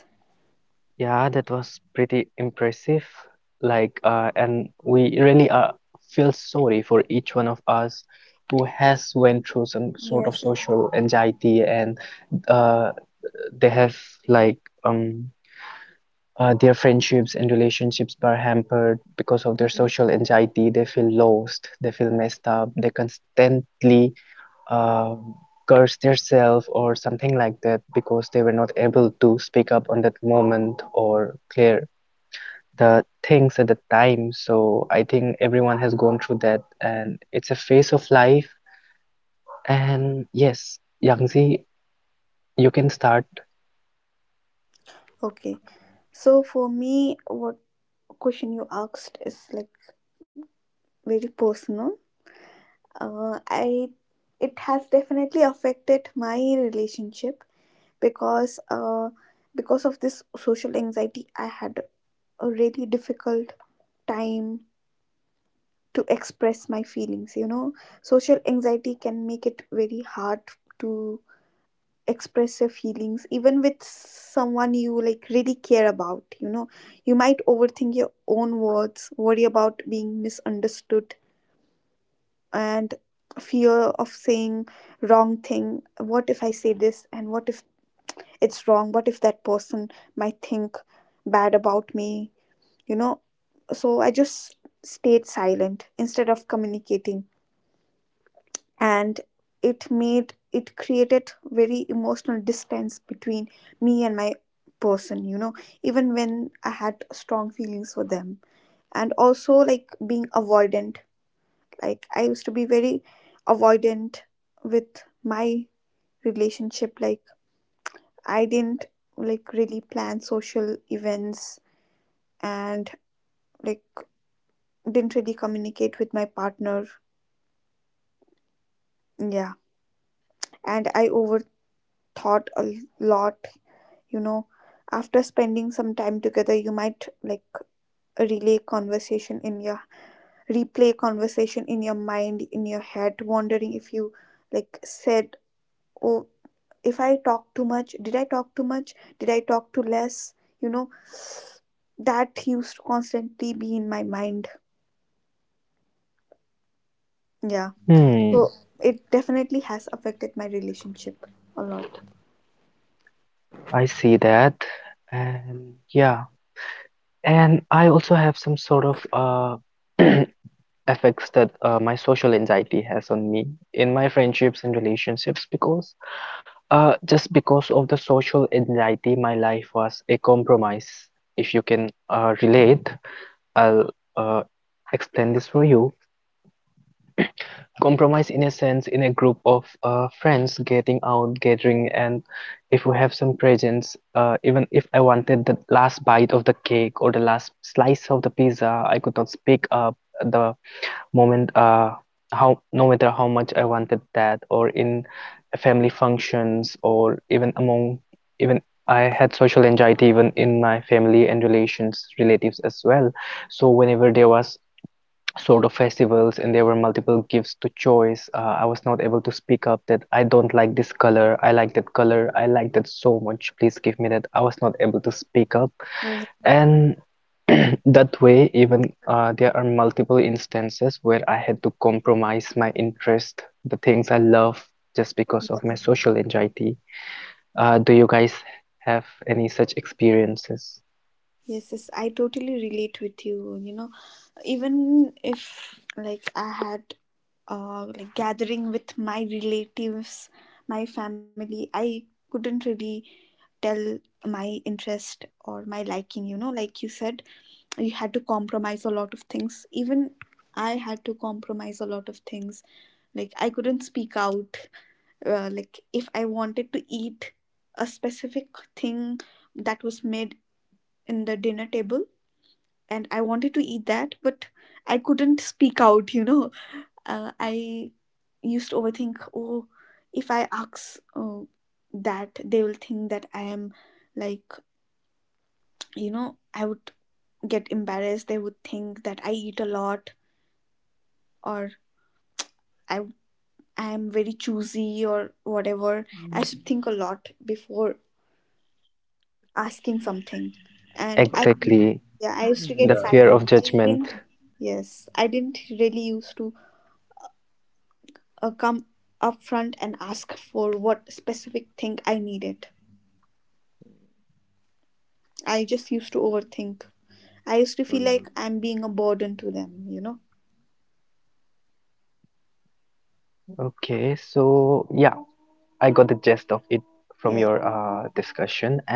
A: Yeah, that was pretty impressive. Like, and we really feel sorry for each one of us who has went through some sort of
B: Yes.
A: social anxiety and uh, they have like um their friendships and relationships are hampered because of their
B: Mhm.
A: social anxiety. They feel lost. They feel messed up. They constantly uh, curse themselves or something like that because they were not able to speak up on that moment or clear the things at the time. So I think everyone has gone through that, and it's a phase of life. And yes, Yangzi, you can start.
B: Okay. So for me, what question you asked is like very personal. I It has definitely affected my relationship because uh because of this social anxiety, I had a really difficult time to express my feelings, you know. Social anxiety can make it very hard to express your feelings even with someone you like really care about, you know. You might overthink your own words, worry about being misunderstood, and fear of saying wrong thing. What if I say this, and what if it's wrong, what if that person might think bad about me, you know. So I just stayed silent instead of communicating, and it made it created very emotional distance between me and my person, you know, even when I had strong feelings for them. And also like being avoidant, like I used to be very avoidant with my relationship. Like I didn't like really plan social events, and like didn't really communicate with my partner, yeah. And I overthought a lot, you know. After spending some time together, you might like relay conversation in your replay conversation in your mind, in your head, wondering if you like said, oh, if I talk too much did I talk too much, did I talk too less, you know. That used to constantly be in my mind, yeah.
A: Hmm.
B: So it definitely has affected my relationship a lot.
A: I see that. And yeah, and I also have some sort of <clears throat> effects that my social anxiety has on me in my friendships and relationships because just because of the social anxiety, my life was a compromise. If you can relate, I'll uh, explain this for you. Compromise in a sense, in a group of friends getting out gathering, and if we have some presents, even if I wanted the last bite of the cake or the last slice of the pizza, I could not speak up at the moment, how no matter how much I wanted that, or in family functions, or even among even I had social anxiety even in my family and relations relatives as well. So whenever there was sort of festivals and there were multiple gifts to choice, I was not able to speak up that I don't like this color, I like that color, I like that so much, please give me that. I was not able to speak up.
B: Mhm.
A: And <clears throat> that way, even there are multiple instances where I had to compromise my interest, the things I love, just because of my social anxiety. Do you guys have any such experiences?
B: Yes, yes, I totally relate with you, you know. Even if like I had like gathering with my relatives, my family, I couldn't really tell my interest or my liking. You know, like you said, you had to compromise a lot of things. Even I had to compromise a lot of things. Like I couldn't speak out. Like if I wanted to eat a specific thing that was made in the dinner table, and I wanted to eat that, but I couldn't speak out. You know, I used to overthink, oh, if I ask that, they will think that I am like, you know, I would get embarrassed, they would think that I eat a lot, or i I am very choosy or whatever. I
C: Mhm.
B: should think a lot before asking something. And I,
A: Exactly,
B: yeah, I used to
C: <clears throat>
A: the
B: get
C: Yeah,
A: fear
B: silent,
A: of
B: I
A: judgment.
B: didn't. Yes, I didn't really used to come up front and ask for what specific thing I needed. I just used to overthink. I used to feel
C: um,
B: like I'm being a burden to them, you know?
A: Okay, so yeah, I got the gist of it from your
B: Yeah.
A: discussion, and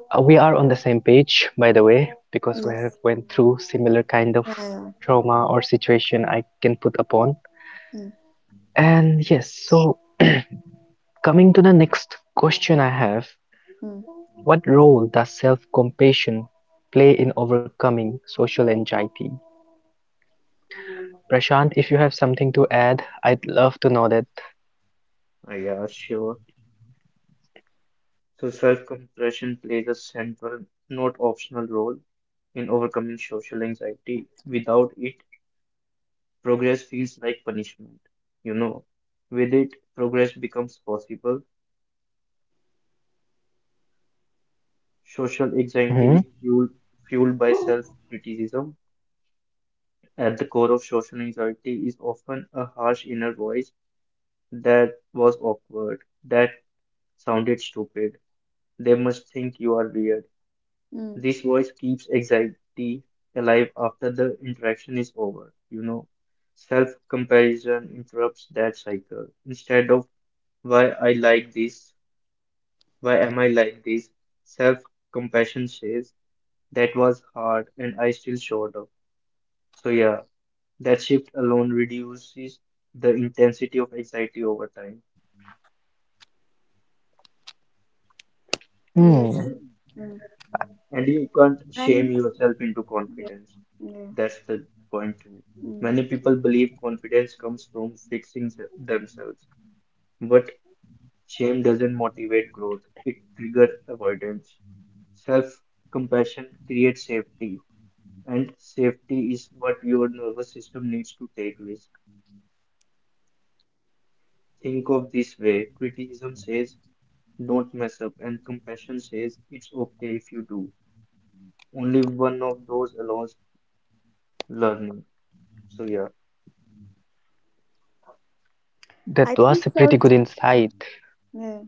A: we are on the same page, by the way, because we have
B: Yes.
A: went through similar kind of
B: Yeah, yeah.
A: trauma or situation I can put upon.
B: Mm,
A: And yes, so <clears throat> coming to the next question I have,
B: mm,
A: what role does self-compassion play in overcoming social anxiety? Prashant, if you have something to add, I'd love to know that.
C: yeah, sure. So self-compassion plays a central, not optional role in overcoming social anxiety. Without it, progress feels like punishment. You know, with it, progress becomes possible. Social anxiety is
A: Mm-hmm.
C: fueled by self-criticism. At the core of social anxiety is often a harsh inner voice that was awkward, that sounded stupid. They must think you are weird.
B: mm.
C: This voice keeps anxiety alive after the interaction is over. Self-comparison interrupts that cycle. Instead of why I like this, why am I like this, self-compassion says that was hard and I still showed up. So yeah, that shift alone reduces the intensity of anxiety over time.
B: Yes.
A: Hmm.
B: Mm.
C: And you can't shame
B: And
C: yourself into
B: yeah.
C: confidence.
B: Yeah.
C: That's the point too.
B: Mm.
C: Many people believe confidence comes from fixing themselves, but shame doesn't motivate growth. It triggers avoidance. Self-compassion creates safety, and safety is what your nervous system needs to take risk. Think of this way: criticism says don't mess up, and compassion says it's okay if you do. Only one of those allows learning. So yeah.
B: I
A: That
B: think
A: was a
B: self
A: pretty good
B: Yeah,
A: insight.
B: yeah.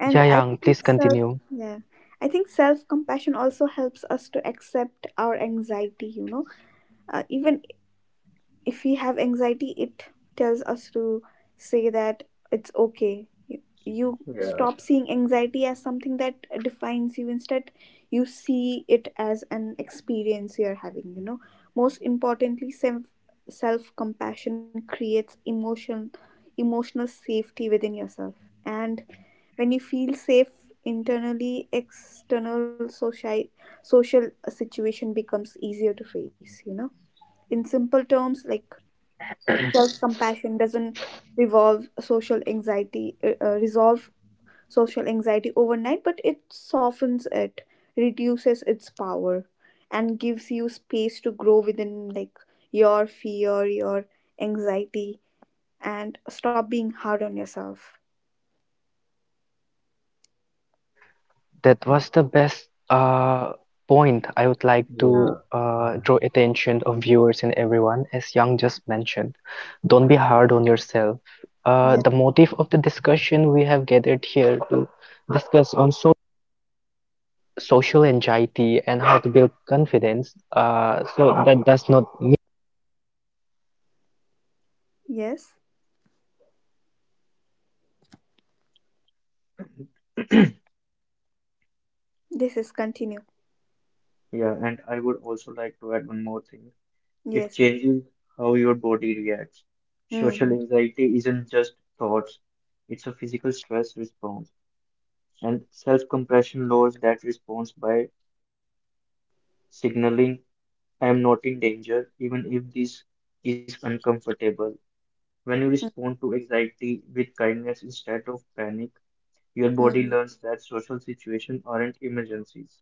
B: And
A: Yeah,
B: I
A: Yang,
B: think
A: please
B: self
A: continue.
B: yeah. I think self compassion also helps us to accept our anxiety, you know. Even if we have anxiety, it tells us to say that it's okay. You-
C: Yeah,
B: stop seeing anxiety as something that defines you. Instead, you see it as an experience you're having, you know. Most importantly, self compassion creates emotional safety within yourself. And when you feel safe internally, external social situation becomes easier to face, you know. In simple terms, like self compassion doesn't revolve social anxiety resolve social anxiety overnight, but it softens it, reduces its power, and gives you space to grow within like your fear, your anxiety, and stop being hard on yourself.
A: That was the best point I would like
B: Yeah.
A: to
C: yeah,
A: draw attention of viewers and everyone, as Yang just mentioned. Don't be hard on yourself. The
B: Yes,
A: motive of the discussion we have gathered here to discuss on so social anxiety and how to build confidence. So that does not.
B: yes, this is continue.
C: yeah. And I would also like to add one more thing. It
B: Yes.
C: changes how your body reacts. Social
B: Mm-hmm.
C: anxiety isn't just thoughts, it's a physical stress response. And self-compassion lowers that response by signaling, I am not in danger, even if this is uncomfortable. When you respond to anxiety with kindness instead of panic, your body
B: Mm-hmm.
C: learns that social situations aren't emergencies.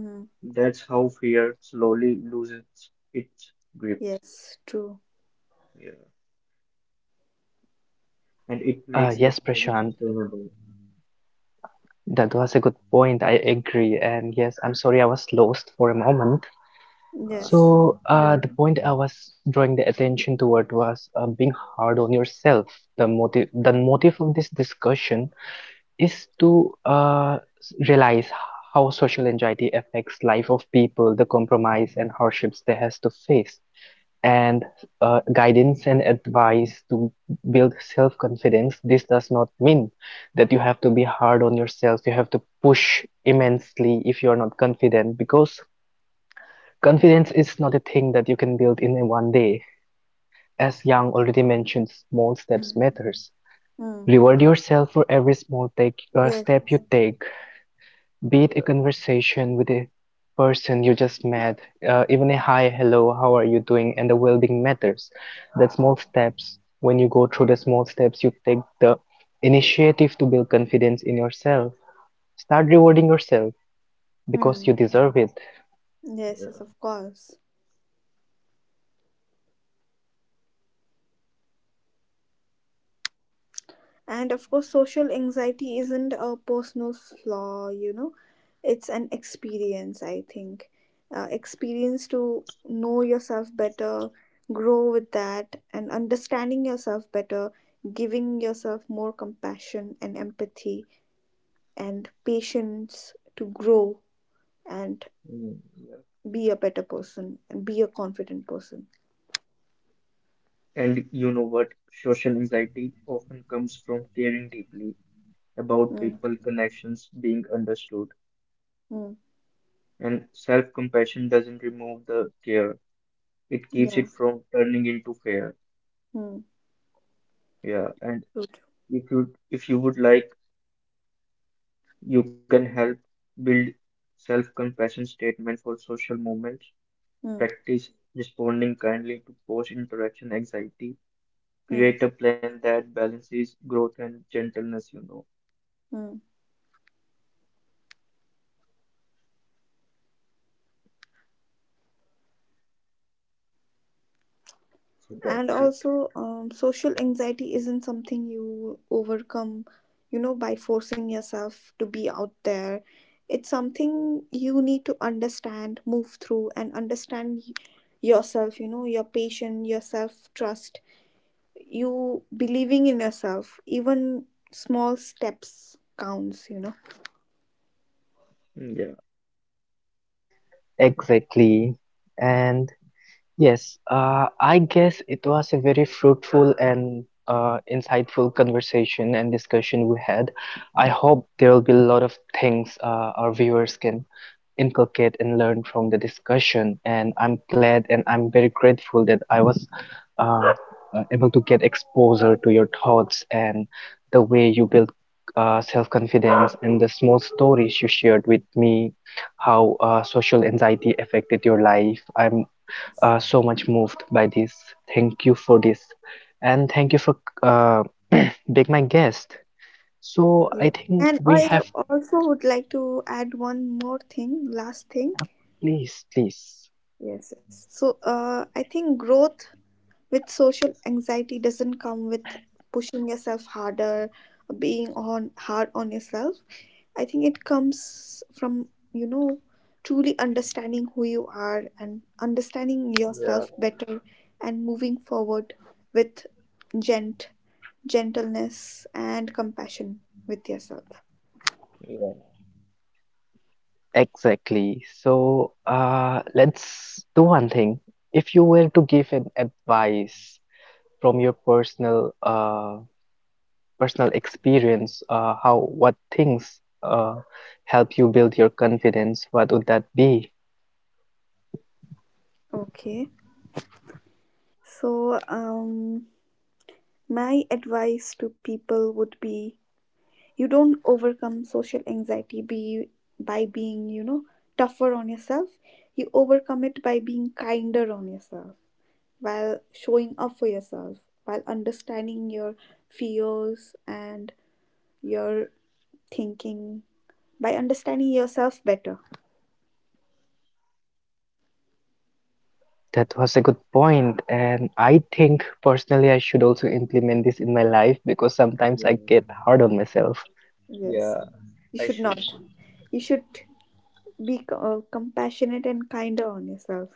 B: Mm-hmm.
C: That's how fear slowly loses its grip.
B: Yes, true.
C: Yeah. And it makes
A: Yes,
C: exposure
A: Prashant,
C: sustainable.
A: that was a good point. I agree. And yes, I'm sorry I was lost for a moment.
C: Uh,
B: Yes.
A: So,
C: yeah.
A: the point I was drawing the attention toward was being hard on yourself. The motive of this discussion is to realize how social anxiety affects life of people, the compromise and hardships they has to face, and guidance and advice to build self-confidence. This does not mean that you have to be hard on yourself. You have to push immensely if you are not confident, because confidence is not a thing that you can build in one day. As Yang already mentioned, small steps
B: Mm.
A: matters.
B: Mm.
A: Reward yourself for every small take
B: Yes.
A: step you take, be it a
C: Yeah.
A: conversation with a person you just met, even a hi, hello, how are you doing, and the well-being matters. That small
C: Yeah.
A: steps, when you go through the small steps, you take the initiative to build confidence in yourself. Start rewarding yourself because
B: Mm.
A: you deserve it.
B: Yes,
C: Yeah.
B: yes, of course. And of course, social anxiety isn't a personal flaw, you know, it's an experience, I think. Experience to know yourself better, grow with that, and understanding yourself better, giving yourself more compassion and empathy, and patience to grow and
C: Mm, yeah.
B: be a better person and be a confident person.
C: And you know what? Social anxiety often comes from caring deeply about
B: Mm,
C: people, connections, being understood.
B: mm,
C: And self-compassion doesn't remove the care. It keeps it
B: yeah.
C: from turning into fear.
B: Mm,
C: Yeah. And
B: true, true.
C: if you would like, you can help build self-compassion statement for social movements,
B: Mm,
C: practice responding kindly to post-interaction anxiety,
B: mm,
C: create a plan that balances growth and gentleness.
B: mm.
C: So that's
B: And
C: it.
B: also, social anxiety isn't something you overcome, you know, by forcing yourself to be out there. It's something you need to understand, move through, and understand yourself, you know, your patience, your self trust, you believing in yourself. Even small steps counts, you know.
C: Yeah,
A: Exactly. And yes, I guess it was a very fruitful and insightful conversation and discussion we had. I hope there will be a lot of things our viewers can inculcate and learn from the discussion. And I'm glad and I'm very grateful that I was uh, able to get exposure to your thoughts and the way you built self-confidence and the small stories you shared with me, how social anxiety affected your life. I'm so much moved by this. Thank you for this, and thank you for uh, <clears throat> being my guest. So
C: yeah,
A: I
B: Yes,
A: think
B: and
A: we
B: I
A: have,
B: also would like to add one more thing, last thing.
A: please, please,
B: Yes, yes. So I think growth with social anxiety doesn't come with pushing yourself harder, being on hard on yourself. I think it comes from, you know, truly understanding who you are and understanding
C: yeah,
B: yourself better, and moving forward with gent gentleness and compassion with yourself.
C: yeah,
A: exactly. So let's do one thing. If you were to give an advice from your personal experience, how what things help you build your confidence, what would that be?
B: Okay. So, my advice to people would be, you don't overcome social anxiety be by being, you know, tougher on yourself. You overcome it by being kinder on yourself, while showing up for yourself, while understanding your fears and your thinking, by understanding yourself better.
A: That was a good point, and I think personally I should also implement this in my life because sometimes
C: yeah,
A: I get hard on myself.
B: Yes,
C: yeah.
B: you
C: I
B: should not.
C: should too.
B: You should be compassionate and kinder on yourself.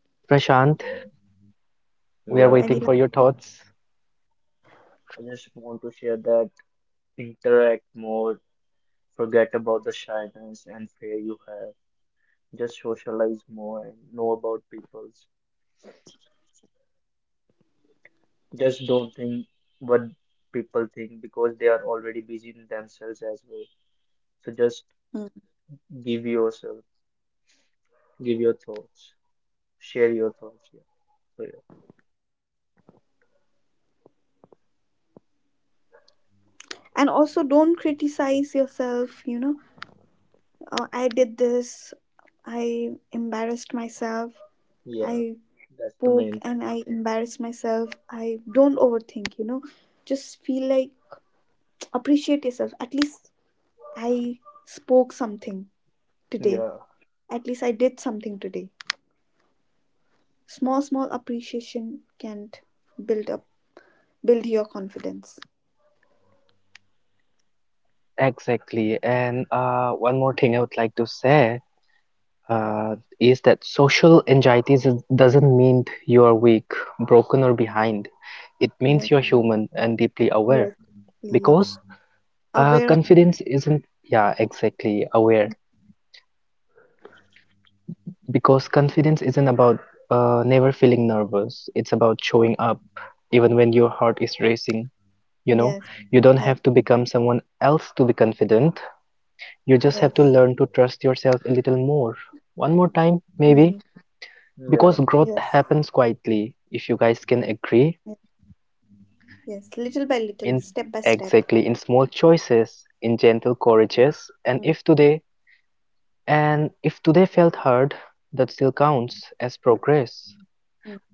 A: Yes, Prashant,
C: Yeah.
A: we are
B: And
C: Yeah.
B: you-
A: waiting for your thoughts.
C: I just want to share that interact more, forget about the shyness and fear you have, just socialize more and know about people. Just don't think what people think because they are already busy in themselves as well. So just
B: Mm.
C: give yourself, give your thoughts, share your thoughts. Yeah. So yeah,
B: And also don't criticize yourself. You know, I did this, I embarrassed myself,
C: yeah,
B: I
C: that's the
B: spoke
C: main thing.
B: and I embarrassed myself. I don't overthink. You know, just feel like appreciate yourself. At least I spoke something today,
C: Yeah,
B: at least I did something today. Small small appreciation can build up build your confidence.
A: Exactly, and one more thing I would like to say is that social anxiety is- doesn't mean you are weak, broken, or behind. It means you're
B: Yes,
A: human and deeply aware
B: yes,
A: because
B: yes. Aware of.
A: confidence isn't, yeah, exactly aware. Because confidence isn't about never feeling nervous. It's about showing up even when your heart is racing. You know,
B: Yes,
A: you don't have to
B: yes,
A: become someone else to be confident. You
B: yes.
A: just have to learn to trust yourself a little more. One more time,
B: Mm.
A: maybe. Because
C: yeah,
B: Yes,
A: growth happens quietly, if you guys can
B: yes,
A: agree,
B: yes, little by little, step by
A: in
B: step.
A: exactly in small choices, in gentle
B: Mm,
A: courages, and if today felt hard, that still
B: mm,
A: counts as progress.
B: mm.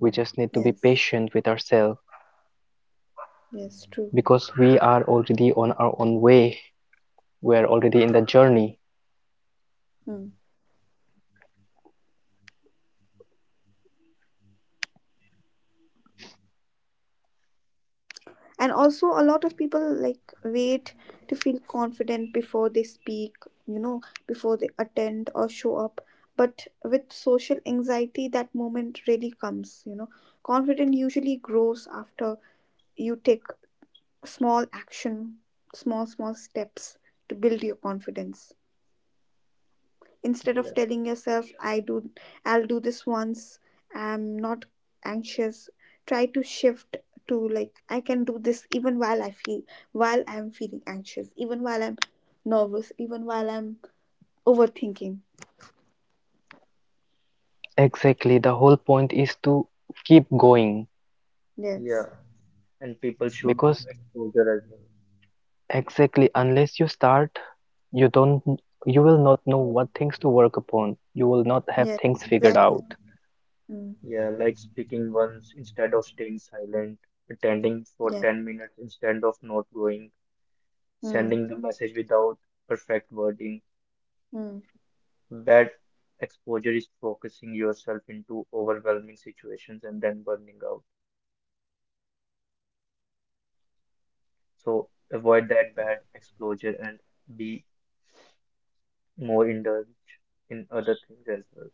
A: We just
B: Yes,
A: need to be patient with ourselves
B: yes, true.
A: because we are already on our own way, we're already in the journey.
B: Mm. And also a lot of people like wait to feel confident before they speak, you know, before they attend or show up. But with social anxiety that moment really comes, you know. Confidence usually grows after you take small action, small small steps to build your confidence. Instead of
C: yeah,
B: telling yourself I'll do this once, I'm not anxious, try to shift to like, I can do this even while I feel, while I'm feeling anxious, even while I'm nervous, even while I'm overthinking.
A: Exactly, the whole point is to keep going.
C: yeah.
B: Yes,
C: And people should do
A: Because
C: exposure as well.
A: exactly, unless you start, you don't you will not know
C: Yeah.
A: what things to work upon, you will not have
B: yes,
A: things figured out.
B: exactly. Mm.
C: Yeah, like speaking once instead of staying silent, attending for
B: Yeah.
C: 10 minutes instead of not going, sending the
B: Mm.
C: message without perfect wording.
B: Mm.
C: Bad exposure is focusing yourself into overwhelming situations and then burning out. So avoid that bad exposure and be more indulged in other things as well.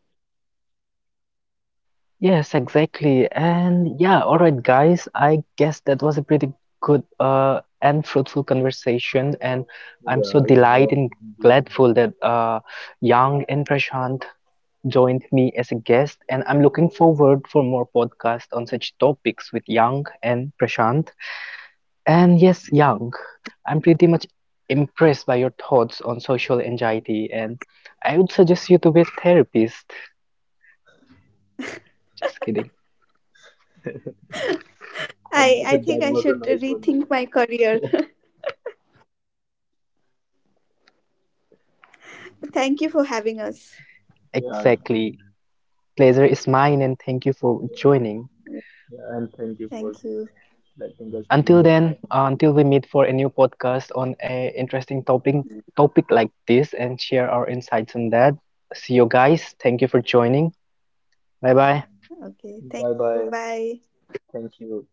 A: Yes, exactly. And yeah, all right guys, I guess that was a pretty good and fruitful conversation, and I'm so
C: Yeah,
A: delighted
C: yeah,
A: and
C: indeed.
A: gladful that Yang and Prashant joined me as a guest, and I'm looking forward for more podcasts on such topics with Yang and Prashant. And yes, Yang, I'm pretty much impressed by your thoughts on social anxiety, and I would suggest you to be a therapist. Just kidding.
C: And <laughs>
B: I
C: that
B: think I
C: was a
B: should
C: nice one,
B: rethink my
C: Viv.
B: career.
C: <laughs>
B: <laughs> Thank you for having us.
C: Yeah.
A: Exactly. Pleasure is mine, and thank you for
C: Yeah,
A: joining.
C: yeah, and thank you
B: Thank
C: for
B: you.
C: letting us being
A: Until
C: a
A: then,
C: part of it.
A: until we meet for a new podcast on a interesting topic
B: Mm,
A: topic like this and share our insights on that. See you guys. Thank you for joining. Bye bye.
B: okay, thank
C: Bye
B: you,
C: bye.
B: bye.
C: Thank you.